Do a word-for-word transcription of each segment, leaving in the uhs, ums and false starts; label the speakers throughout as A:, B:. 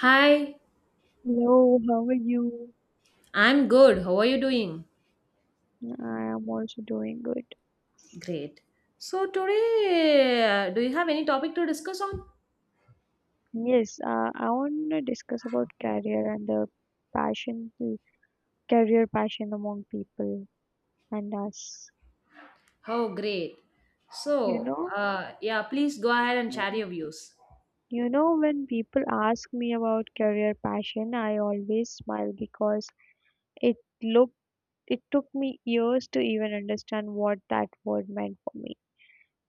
A: Hi,
B: Hello, how are you?
A: I'm good. How are you doing?
B: I am also doing good.
A: Great. So, today, uh, do you have any topic to discuss on?
B: Yes, uh, I want to discuss about career and the passion, career passion among people and us.
A: Oh, great.
B: You
A: So,
B: know,
A: uh, yeah, please go ahead and share
B: Mm.
A: your views.
B: you know, when people ask me about career passion, I always smile because it looked, it took me years to even understand what that word meant for me.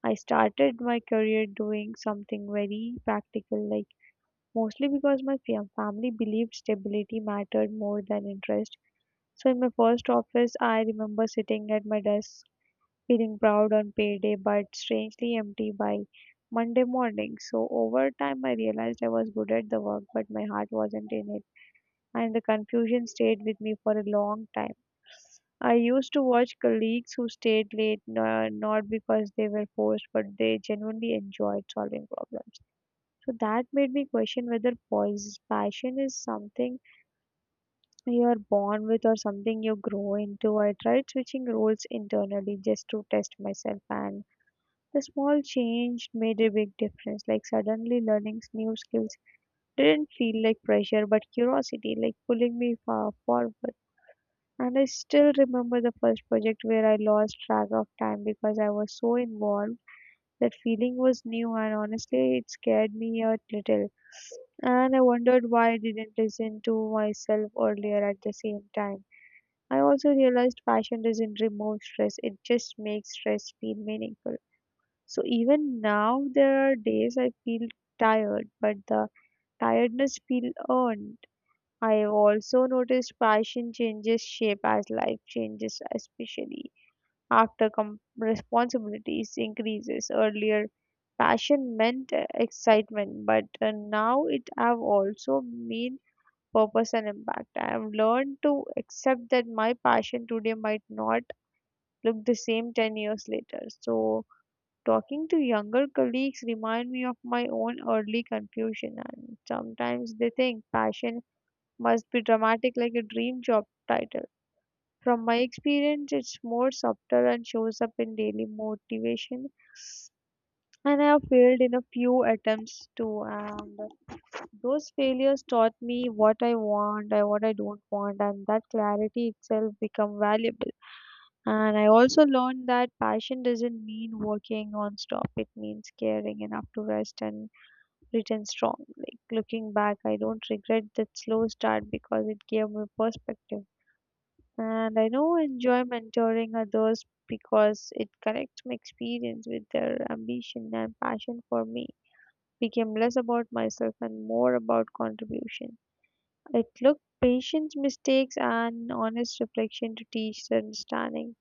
B: I started my career doing something very practical, like mostly because my fam- family believed stability mattered more than interest. So, in my first office, I remember sitting at my desk feeling proud on payday but strangely empty by Monday morning. So, over time, I realized I was good at the work, but my heart wasn't in it, and the confusion stayed with me for a long time. I used to watch colleagues who stayed late, no- not because they were forced, but they genuinely enjoyed solving problems. So that made me question whether pois- passion is something you are born with or something you grow into. I tried switching roles internally just to test myself, and the small change made a big difference. Like suddenly learning new skills didn't feel like pressure, but curiosity, like pulling me far forward. And I still remember the first project where I lost track of time because I was so involved that feeling was new and honestly it scared me a little. And I wondered why I didn't listen to myself earlier at the same time. I also realized passion doesn't remove stress, it just makes stress feel meaningful. So even now there are days I feel tired, but the tiredness feels earned. I have also noticed passion changes shape as life changes, especially after com- responsibilities increases. Earlier, passion meant uh, excitement, but uh, now it have also mean purpose and impact. I have learned to accept that my passion today might not look the same ten years later. So, talking to younger colleagues remind me of my own early confusion, and sometimes they think passion must be dramatic like a dream job title. From my experience, it's more subtle and shows up in daily motivation. And I have failed in a few attempts too. And those failures taught me what I want and what I don't want, and that clarity itself become valuable. And I also learned that passion doesn't mean working non-stop. It means caring enough to rest and return strong. Like looking back, I don't regret that slow start because it gave me perspective. And I know enjoy mentoring others because it connects my experience with their ambition, and passion for me became less about myself and more about contribution. It took patience, mistakes, and honest reflection to teach the understanding.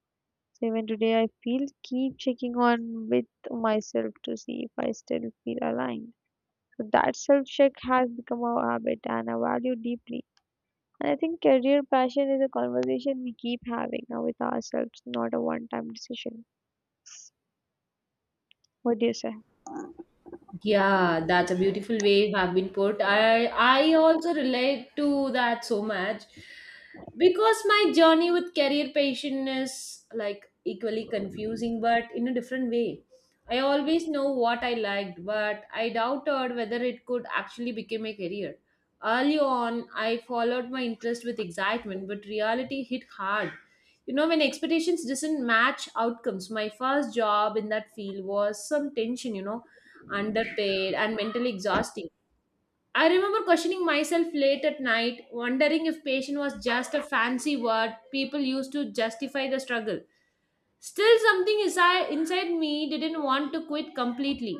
B: So even today, I feel keep checking on with myself to see if I still feel aligned. So that self check has become a habit and a value deeply. And I think career passion is a conversation we keep having uh, with ourselves, not a one time decision. What do you say?
A: Yeah, that's a beautiful way you have been put. I I also relate to that so much because my journey with career passion is like equally confusing but in a different way. I always know what I liked, but I doubted whether it could actually become a career. Early on, I followed my interest with excitement, but reality hit hard. You know, when expectations doesn't match outcomes, my first job in that field was some tension, you know underpaid, and mentally exhausting. I remember questioning myself late at night, wondering if patient was just a fancy word people used to justify the struggle. Still, something inside, inside me didn't want to quit completely.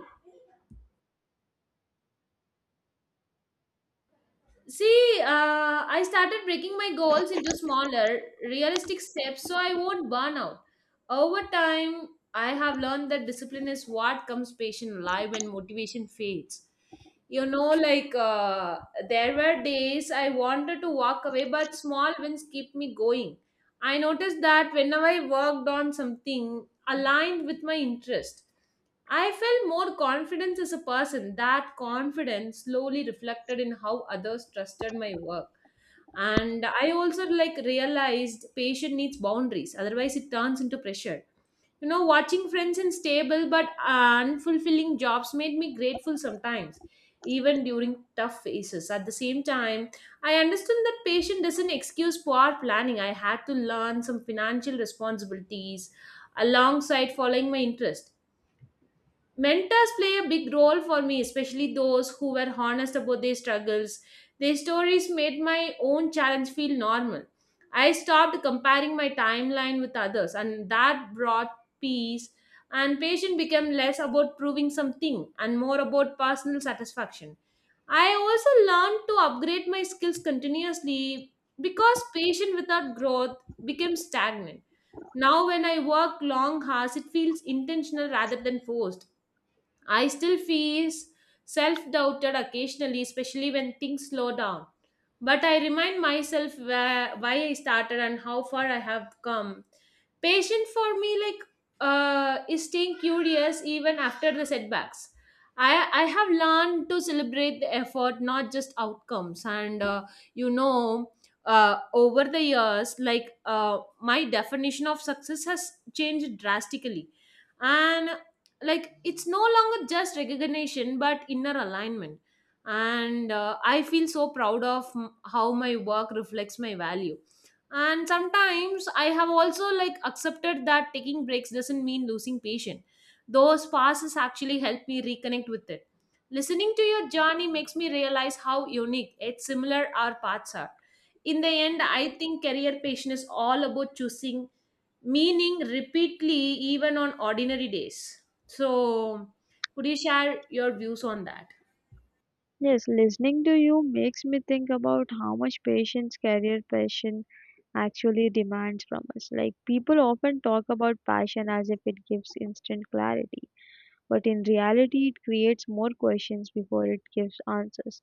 A: See, uh, I started breaking my goals into smaller, realistic steps so I won't burn out. Over time, I have learned that discipline is what comes patient alive when motivation fades. You know, like uh, there were days I wanted to walk away, but small wins keep me going. I noticed that whenever I worked on something aligned with my interest, I felt more confidence as a person. That confidence slowly reflected in how others trusted my work. And I also like realized patient needs boundaries, otherwise it turns into pressure. You know, watching friends in stable but unfulfilling jobs made me grateful sometimes, even during tough phases. At the same time, I understood that patient doesn't excuse poor planning. I had to learn some financial responsibilities alongside following my interest. Mentors play a big role for me, especially those who were honest about their struggles. Their stories made my own challenge feel normal. I stopped comparing my timeline with others, and that brought peace. And patience became less about proving something and more about personal satisfaction. I also learned to upgrade my skills continuously because patience without growth became stagnant. Now, when I work long hours, it feels intentional rather than forced. I still feel self doubted occasionally, especially when things slow down. But I remind myself where, why I started and how far I have come. Patient for me, like, uh, is staying curious even after the setbacks. I, I have learned to celebrate the effort, not just outcomes. And, uh, you know, uh, over the years, like, uh, my definition of success has changed drastically, and like it's no longer just recognition but inner alignment. And uh, I feel so proud of m- how my work reflects my value. And sometimes I have also like accepted that taking breaks doesn't mean losing patience. Those passes actually help me reconnect with it. Listening to your journey makes me realize how unique yet similar our paths are. In the end, I think career passion is all about choosing meaning repeatedly, even on ordinary days. So, could you share your views on that?
B: Yes, listening to you makes me think about how much patience career passion actually demands from us. Like, people often talk about passion as if it gives instant clarity, but in reality, it creates more questions before it gives answers.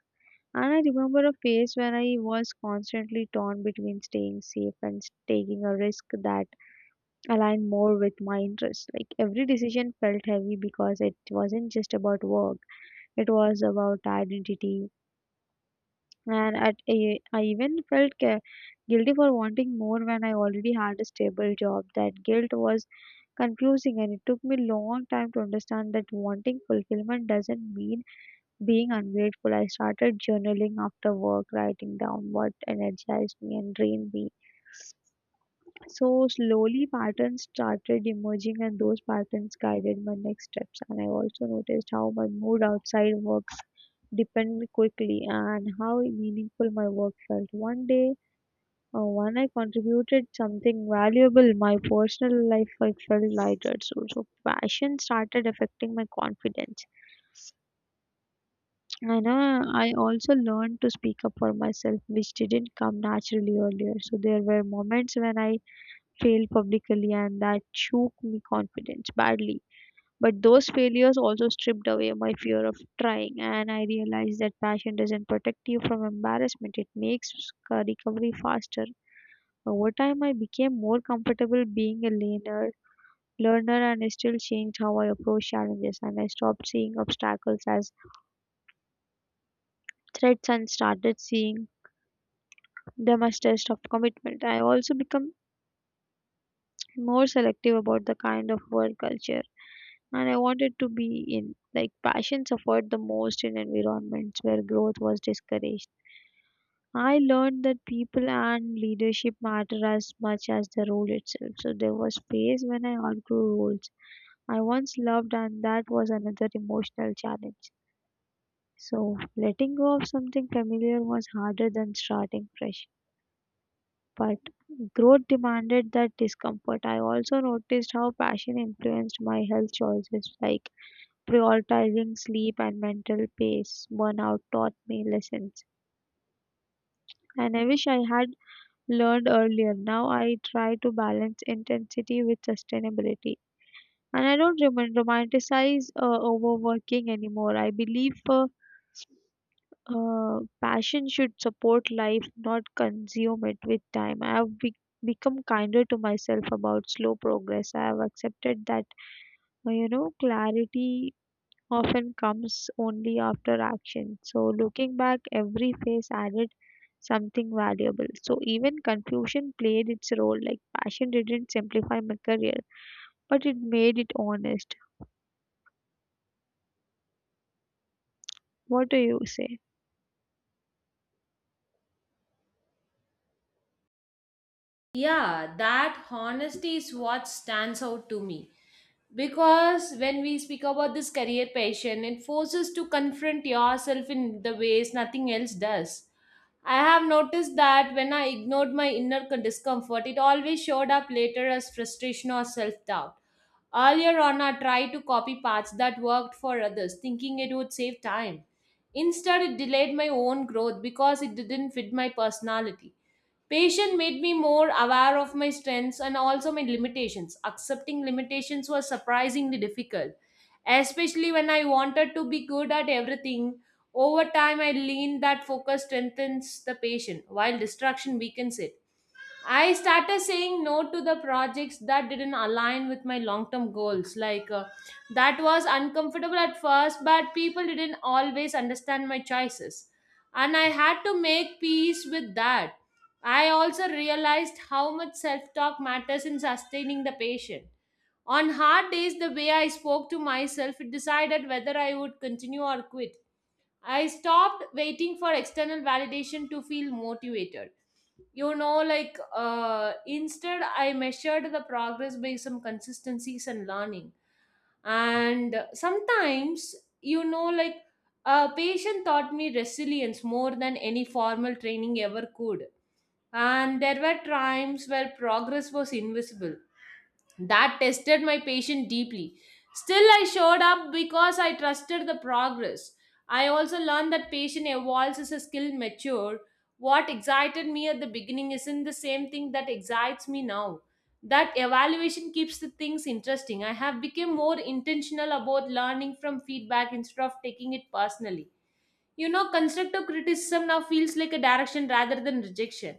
B: And I remember a phase when I was constantly torn between staying safe and s- taking a risk that aligned more with my interests. Like every decision felt heavy because it wasn't just about work, it was about identity. And at a, I even felt ca- guilty for wanting more when I already had a stable job. That guilt was confusing, and it took me long time to understand that wanting fulfillment doesn't mean being ungrateful. I started journaling after work, writing down what energized me and drained me. So slowly patterns started emerging, and those patterns guided my next steps. And I also noticed how my mood outside work depended quickly and how meaningful my work felt. One day, uh, when I contributed something valuable, my personal life I felt lighter. So, so passion started affecting my confidence. And uh, I also learned to speak up for myself, which didn't come naturally earlier. So there were moments when I failed publicly, and that shook me confidence badly. But those failures also stripped away my fear of trying, and I realized that passion doesn't protect you from embarrassment, it makes c- recovery faster. Over time, I became more comfortable being a learner, learner and still changed how I approach challenges, and I stopped seeing obstacles as threats and started seeing them as test of commitment. I also become more selective about the kind of work culture and I wanted to be in. Like passion suffered the most in environments where growth was discouraged. I learned that people and leadership matter as much as the role itself. So there was phase when I outgrew roles I once loved, and that was another emotional challenge. So letting go of something familiar was harder than starting fresh. But growth demanded that discomfort. I also noticed how passion influenced my health choices, like prioritizing sleep and mental pace. Burnout taught me lessons, and I wish I had learned earlier. Now I try to balance intensity with sustainability. And I don't roman- romanticize uh, overworking anymore. I believe uh, uh, passion should support life, not consume it with time. I have be- become kinder to myself about slow progress. I have accepted that, uh, you know, clarity often comes only after action. So looking back, every phase added something valuable. So even confusion played its role. Like passion didn't simplify my career, but it made it honest. What do you say?
A: Yeah, that honesty is what stands out to me because when we speak about this career passion, it forces to confront yourself in the ways nothing else does. I have noticed that when I ignored my inner con- discomfort, it always showed up later as frustration or self-doubt. Earlier on, I tried to copy paths that worked for others thinking it would save time. Instead, it delayed my own growth because it didn't fit my personality. Patient made me more aware of my strengths and also my limitations. Accepting limitations was surprisingly difficult, especially when I wanted to be good at everything. Over time, I learned that focus strengthens the patient, while distraction weakens it. I started saying no to the projects that didn't align with my long term goals. Like, uh, that was uncomfortable at first, but people didn't always understand my choices. And I had to make peace with that. I also realized how much self talk matters in sustaining the patient. On hard days, the way I spoke to myself, it decided whether I would continue or quit. I stopped waiting for external validation to feel motivated. You know, like uh, instead, I measured the progress by some consistencies and learning. And sometimes, you know, like a patient taught me resilience more than any formal training ever could. And there were times where progress was invisible that tested my patience deeply. Still, I showed up because I trusted the progress. I also learned that patience evolves as a skill mature. What excited me at the beginning isn't the same thing that excites me now. That evaluation keeps the things interesting. I have become more intentional about learning from feedback instead of taking it personally. You know, constructive criticism now feels like a direction rather than rejection.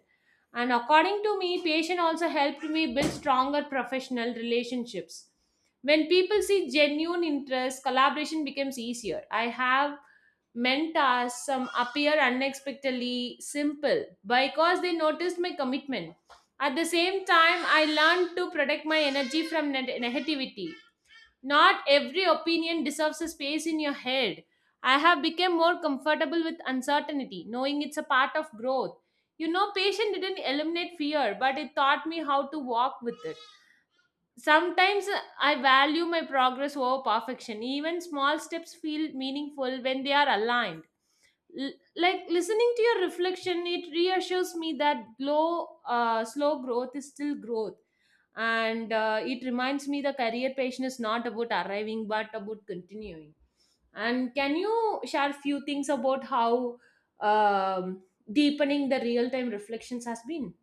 A: And according to me, patient also helped me build stronger professional relationships. When people see genuine interest, collaboration becomes easier. I have mentors, some appear unexpectedly simple because they noticed my commitment. At the same time, I learned to protect my energy from neg- negativity. Not every opinion deserves a space in your head. I have become more comfortable with uncertainty, knowing it's a part of growth. You know, patience didn't eliminate fear, but it taught me how to walk with it. Sometimes uh, I value my progress over perfection. Even small steps feel meaningful when they are aligned. L- like listening to your reflection, it reassures me that glow uh, slow growth is still growth. And uh, it reminds me the career passion is not about arriving but about continuing. And can you share few things about how um, deepening the real time reflections has been?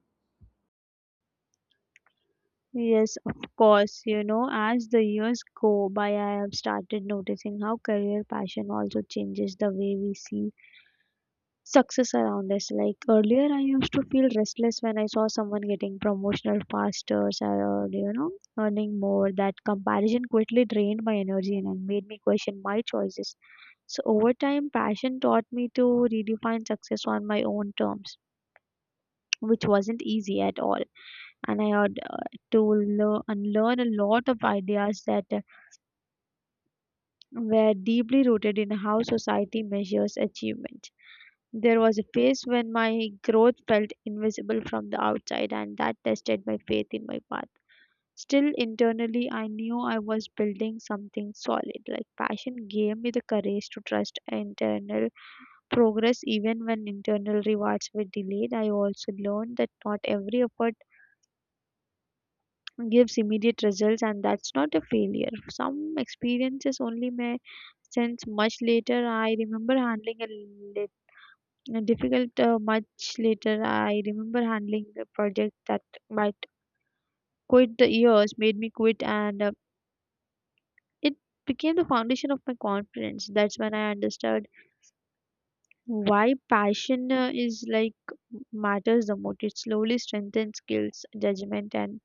B: Yes, of course. You know, as the years go by, I have started noticing how career passion also changes the way we see success around us. Like earlier, I used to feel restless when I saw someone getting promotional faster or you know earning more. That comparison quickly drained my energy and made me question my choices. So over time, passion taught me to redefine success on my own terms, which wasn't easy at all. And I had uh, to learn unlearn a lot of ideas that uh, were deeply rooted in how society measures achievement. There was a phase when my growth felt invisible from the outside, and that tested my faith in my path. Still, internally, I knew I was building something solid. Like passion gave me the courage to trust internal progress, even when internal rewards were delayed. I also learned that not every effort gives immediate results, and that's not a failure. Some experiences only may sense much later. I remember handling a uh, difficult uh, much later. I remember handling a project that might quit the years, made me quit, and uh, it became the foundation of my confidence. That's when I understood why passion uh, is like matters the most. It slowly strengthens skills, judgment, and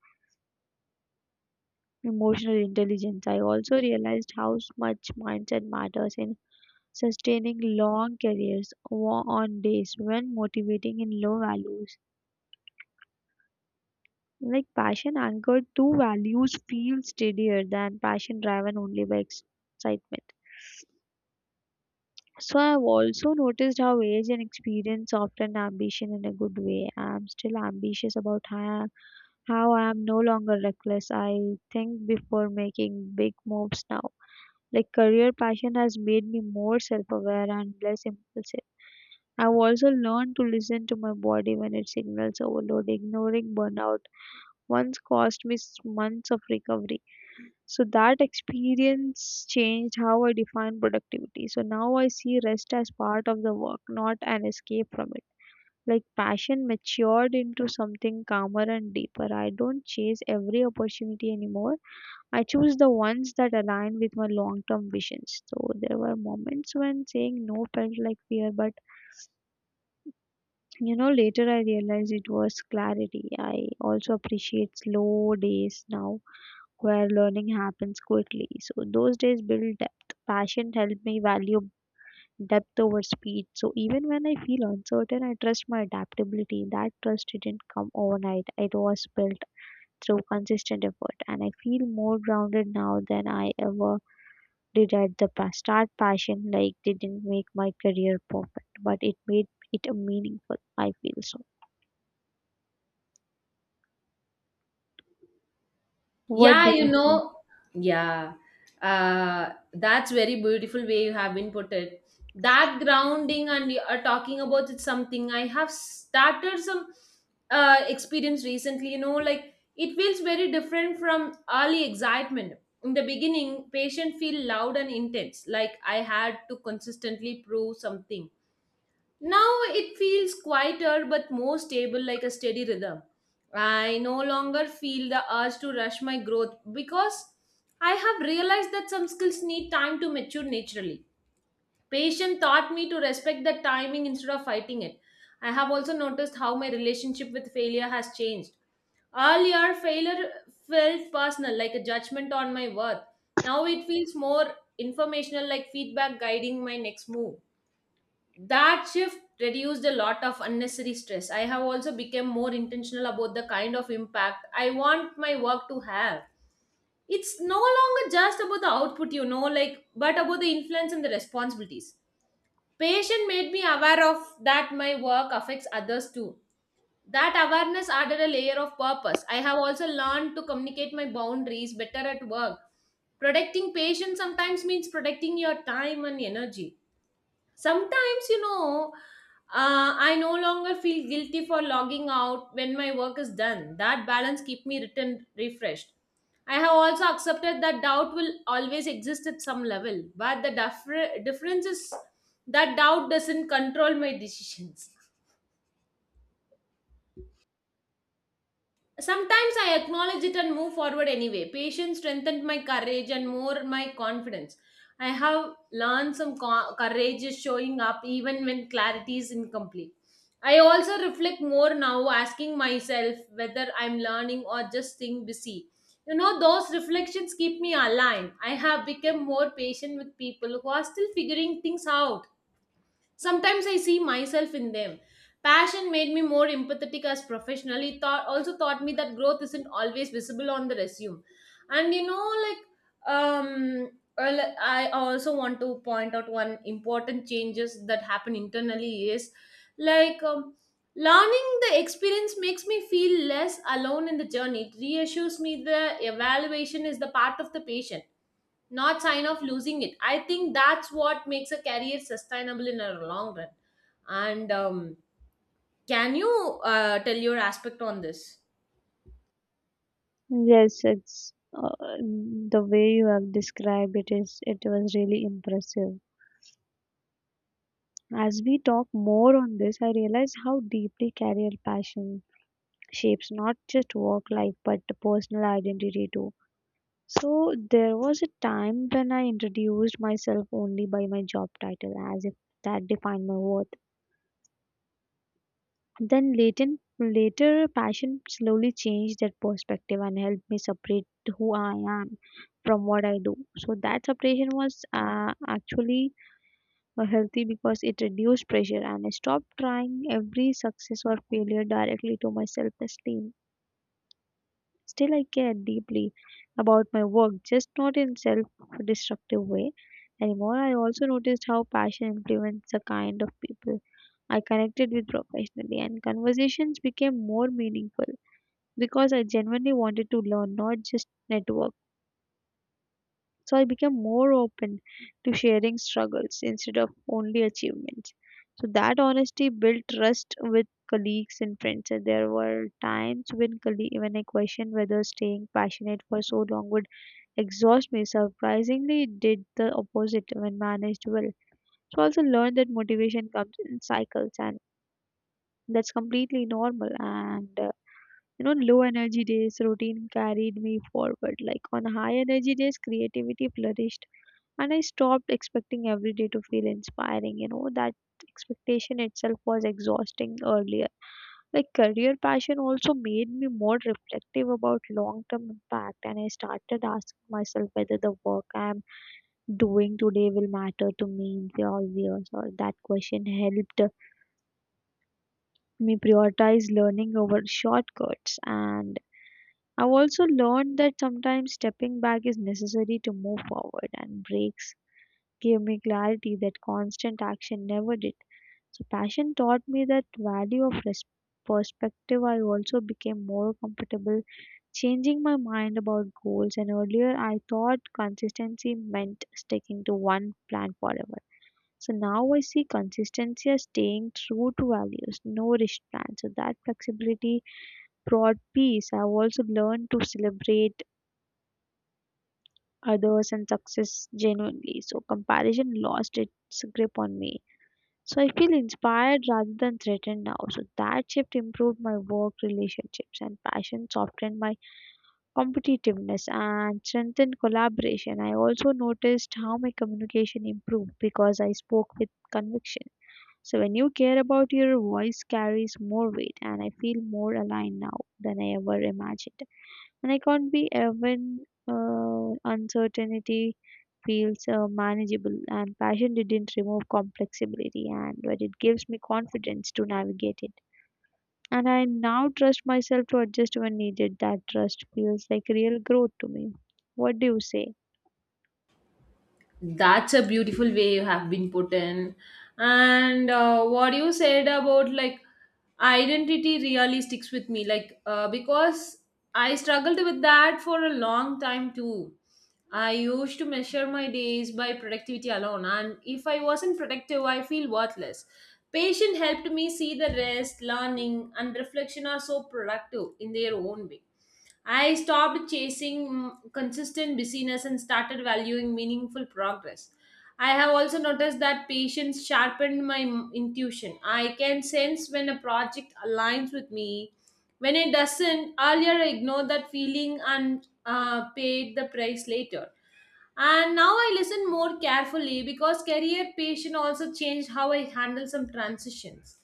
B: emotional intelligence. I also realized how much mindset matters in sustaining long careers wa- on days when motivating in low values. Like passion anchored to values feel steadier than passion driven only by excitement. So I've also noticed how age and experience often ambition in a good way. I'm still ambitious about how, how I am no longer reckless. I think before making big moves now. Like career passion has made me more self-aware and less impulsive. I've also learned to listen to my body when it signals overload. Ignoring burnout once cost me s- months of recovery. So that experience changed how I define productivity. So now I see rest as part of the work, not an escape from it. Like passion matured into something calmer and deeper. I don't chase every opportunity anymore. I choose the ones that align with my long term visions. So there were moments when saying no felt like fear, but you know, later I realized it was clarity. I also appreciate slow days now where learning happens quickly. So those days build depth. Passion helped me value depth over speed. So even when I feel uncertain, I trust my adaptability. That trust didn't come overnight. It was built through consistent effort, and I feel more grounded now than I ever did at the past. Start passion like didn't make my career perfect, but it made it a meaningful, I feel so. What do
A: Yeah, you
B: you say?
A: know, yeah, uh, that's very beautiful way you have been put it. That grounding and you are talking about it something I have started some uh, experience recently. You know, like it feels very different from early excitement. In the beginning, patient feel loud and intense, like I had to consistently prove something. Now it feels quieter but more stable, like a steady rhythm. I no longer feel the urge to rush my growth because I have realized that some skills need time to mature naturally. Patience taught me to respect the timing instead of fighting it. I have also noticed how my relationship with failure has changed. Earlier, failure felt personal, like a judgment on my worth. Now it feels more informational, like feedback guiding my next move. That shift reduced a lot of unnecessary stress. I have also become more intentional about the kind of impact I want my work to have. It's no longer just about the output, you know like but about the influence and the responsibilities. Patient made me aware of that my work affects others too. That awareness added a layer of purpose. I have also learned to communicate my boundaries better at work, protecting patients sometimes means protecting your time and energy. Sometimes you know uh, I no longer feel guilty for logging out when my work is done. That balance keep me written refreshed. I have also accepted that doubt will always exist at some level, but the differ- difference is that doubt doesn't control my decisions. Sometimes I acknowledge it and move forward anyway. Patience strengthened my courage and more my confidence. I have learned some co- courage is showing up even when clarity is incomplete. I also reflect more now, asking myself whether I'm learning or just staying busy. You know, those reflections keep me aligned. I have become more patient with people who are still figuring things out. Sometimes I see myself in them. Passion made me more empathetic as professional. It taught, also taught me that growth isn't always visible on the resume. And you know, like, um, well, I also want to point out one important changes that happen internally is like um, learning the experience makes me feel less alone in the journey. It reassures me the evaluation is the part of the patient, not sign of losing it. I think that's what makes a career sustainable in a long run. And um, can you uh, tell your aspect on this?
B: Yes, it's uh, the way you have described it is it was really impressive. As we talk more on this, I realize how deeply career passion shapes not just work life but the personal identity too. So there was a time when I introduced myself only by my job title as if that defined my worth. Then latent, later, passion slowly changed that perspective and helped me separate who I am from what I do. So that separation was uh, actually uh, healthy because it reduced pressure and I stopped trying every success or failure directly to my self esteem. Still, I care deeply about my work, just not in self destructive way anymore. I also noticed how passion influenced the kind of people I connected with professionally, and conversations became more meaningful because I genuinely wanted to learn, not just network. So I became more open to sharing struggles instead of only achievements. So that honesty built trust with colleagues and friends. And there were times when colleague, when I questioned whether staying passionate for so long would exhaust me. Surprisingly, it did the opposite when managed well. So I also learned that motivation comes in cycles, and that's completely normal. And uh, you know, low energy days routine carried me forward. Like on high energy days, creativity flourished and I stopped expecting every day to feel inspiring. You know, that expectation itself was exhausting earlier. Like, career passion also made me more reflective about long term impact, and I started asking myself whether the work I'm doing today will matter to me in four years, or that question helped me prioritize learning over shortcuts. And I've also learned that sometimes stepping back is necessary to move forward and breaks gave me clarity that constant action never did. So passion taught me that value of res- perspective. I also became more comfortable changing my mind about goals. And earlier, I thought consistency meant sticking to one plan forever. So now I see consistency as staying true to values, no rigid plans. So that flexibility brought peace. I've also learned to celebrate others and success genuinely. So comparison lost its grip on me. So I feel inspired rather than threatened now. So that shift improved my work relationships and passion softened my competitiveness and strengthened collaboration. I also noticed how my communication improved because I spoke with conviction. So when you care about your voice carries more weight and I feel more aligned now than I ever imagined. And I can't be even uh, uncertainty feels uh, manageable, and passion didn't remove complexity, and but it gives me confidence to navigate it. And I now trust myself to adjust when needed. That trust feels like real growth to me. What do you say?
A: That's a beautiful way you have been put in. And uh, what you said about like identity really sticks with me, like uh, because I struggled with that for a long time too. I used to measure my days by productivity alone, and if I wasn't productive, I feel worthless. Patient helped me see the rest learning and reflection are so productive in their own way. I stopped chasing mm, consistent busyness and started valuing meaningful progress. I have also noticed that patience sharpened my m- intuition. I can sense when a project aligns with me. When it doesn't, earlier I ignored that feeling and uh, paid the price later. And now I listen more carefully because career patience also changed how I handle some transitions.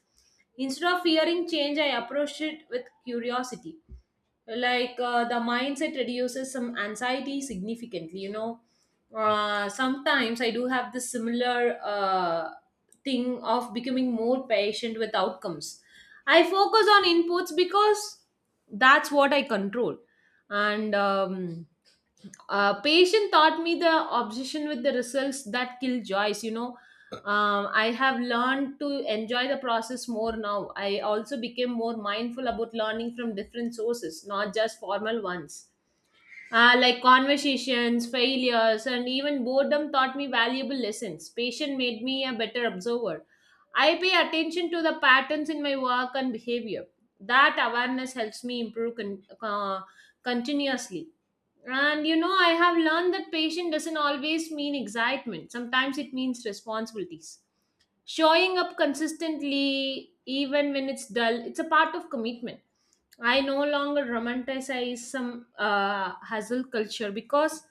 A: Instead of fearing change, I approached it with curiosity, like uh, the mindset reduces some anxiety significantly. You know uh, sometimes I do have this similar uh, thing of becoming more patient with outcomes. I focus on inputs because that's what I control. And um, uh, patient taught me the obsession with the results that kill joys. you know um, I have learned to enjoy the process more now. I also became more mindful about learning from different sources, not just formal ones. Uh, like conversations, failures, and even boredom taught me valuable lessons. Patient made me a better observer. I pay attention to the patterns in my work and behavior. That awareness helps me improve con- uh, continuously. And you know, I have learned that patience doesn't always mean excitement. Sometimes it means responsibilities. Showing up consistently, even when it's dull, it's a part of commitment. I no longer romanticize some uh, hustle culture because,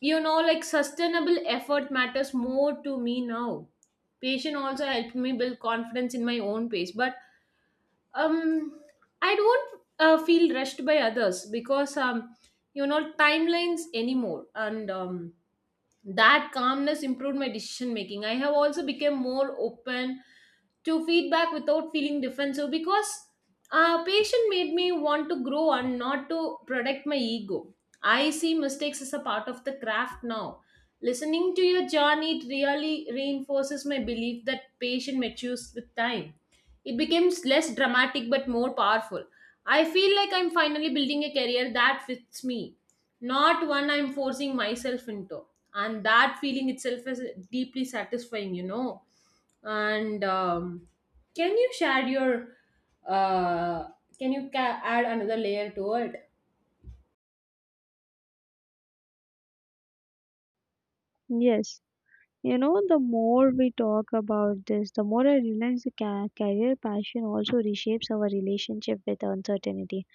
A: you know, like sustainable effort matters more to me now. Patience also helped me build confidence in my own pace. But um I don't uh, feel rushed by others because um you know timelines anymore. And um that calmness improved my decision making. I have also become more open to feedback without feeling defensive because uh, patient made me want to grow and not to protect my ego. I see mistakes as a part of the craft now. Listening to your journey, it really reinforces my belief that patient matures with time. It becomes less dramatic but more powerful. I feel like I'm finally building a career that fits me, not one I'm forcing myself into. And that feeling itself is deeply satisfying you know And um, can you share your uh, can you ca- add another layer to it?
B: Yes. You know, the more we talk about this, the more I realize the ca- career passion also reshapes our relationship with uncertainty.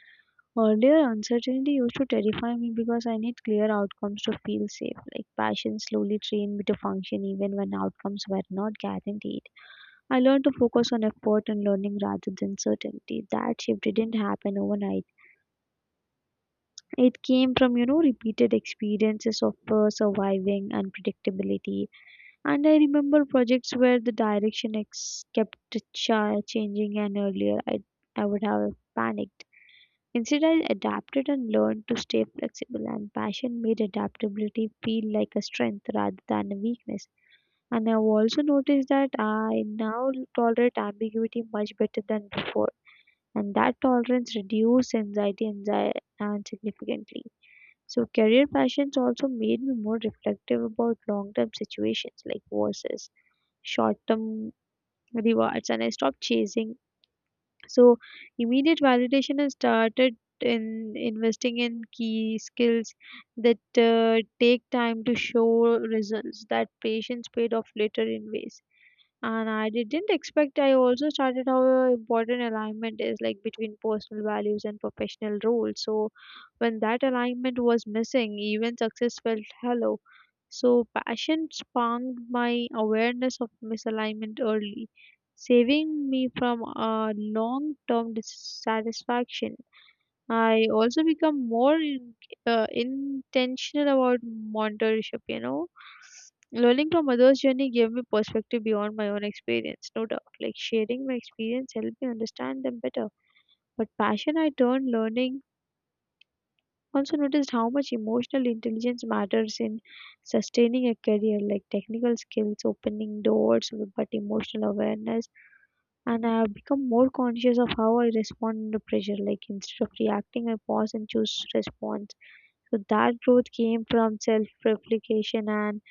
B: Earlier, uncertainty used to terrify me because I need clear outcomes to feel safe. Like passion slowly trained me to function even when outcomes were not guaranteed. I learned to focus on effort and learning rather than certainty. That shift didn't happen overnight. It came from, you know, repeated experiences of uh, surviving unpredictability. And I remember projects where the direction ex- kept ch- changing, and earlier I, I would have panicked. Instead, I adapted and learned to stay flexible, and passion made adaptability feel like a strength rather than a weakness. And I've also noticed that I now tolerate ambiguity much better than before, and that tolerance reduced anxiety and, anxi- and significantly. So, career passions also made me more reflective about long term situations like versus short term rewards, and I stopped chasing so immediate validation. I started in investing in key skills that uh, take time to show results. That patience paid off later in ways and I didn't expect. I also started how important alignment is like between personal values and professional roles. So when that alignment was missing, even success felt hollow. So passion spawned my awareness of misalignment early, saving me from a long-term dissatisfaction. I also become more in, uh, intentional about mentorship, you know. Learning from others' journey gave me perspective beyond my own experience, no doubt. Like sharing my experience helped me understand them better. But passion I turned learning also noticed how much emotional intelligence matters in sustaining a career, like technical skills, opening doors, but emotional awareness. And I have become more conscious of how I respond under pressure. Like instead of reacting, I pause and choose response so that growth came from self-replication. And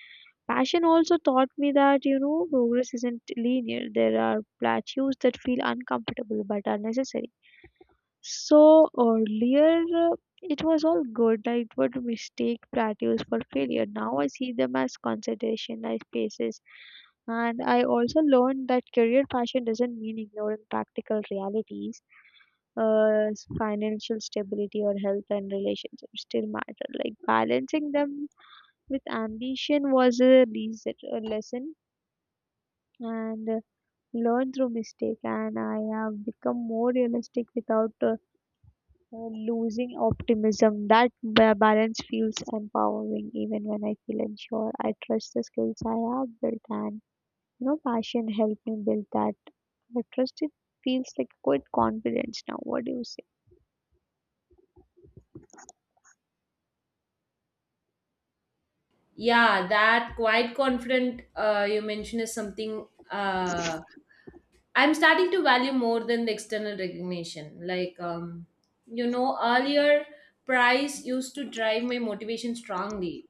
B: passion also taught me that, you know, progress isn't linear. There are plateaus that feel uncomfortable but are necessary. So earlier uh, it was all good. I would mistake plateaus for failure. Now I see them as concentration as spaces. And I also learned that career passion doesn't mean ignoring practical realities. Uh, financial stability or health and relationships still matter. Like balancing them with ambition was a reason, a lesson and uh, learned through mistake. And I have become more realistic without uh, uh, losing optimism. That ba- balance feels empowering. Even when I feel unsure I trust the skills I have built, and you know passion helped me build that. I trust it feels like quite confidence now. What do you say?
A: Yeah, that quite confident uh, you mentioned is something uh, I'm starting to value more than the external recognition. Like, um, you know, earlier price used to drive my motivation strongly.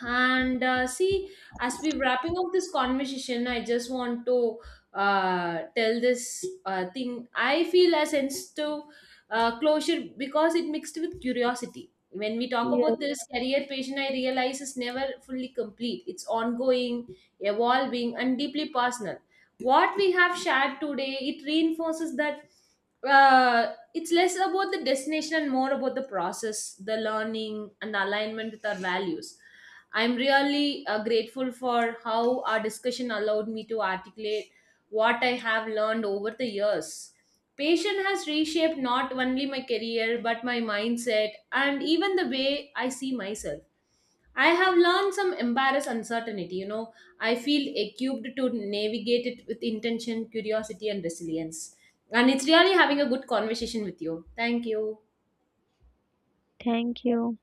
A: And uh, see, as we wrapping up this conversation, I just want to uh, tell this uh, thing. I feel a sense to uh, closure because it mixed with curiosity. When we talk
B: Yes.
A: about this career patient, I realize it's never fully complete. It's ongoing, evolving, and deeply personal. What we have shared today, it reinforces that uh, it's less about the destination and more about the process, the learning, and the alignment with our values. I'm really uh, grateful for how our discussion allowed me to articulate what I have learned over the years. Patient has reshaped not only my career but my mindset and even the way I see myself. I have learned some embarrass uncertainty, you know. I feel equipped to navigate it with intention, curiosity, and resilience. And it's really having a good conversation with you. Thank you.
B: Thank you.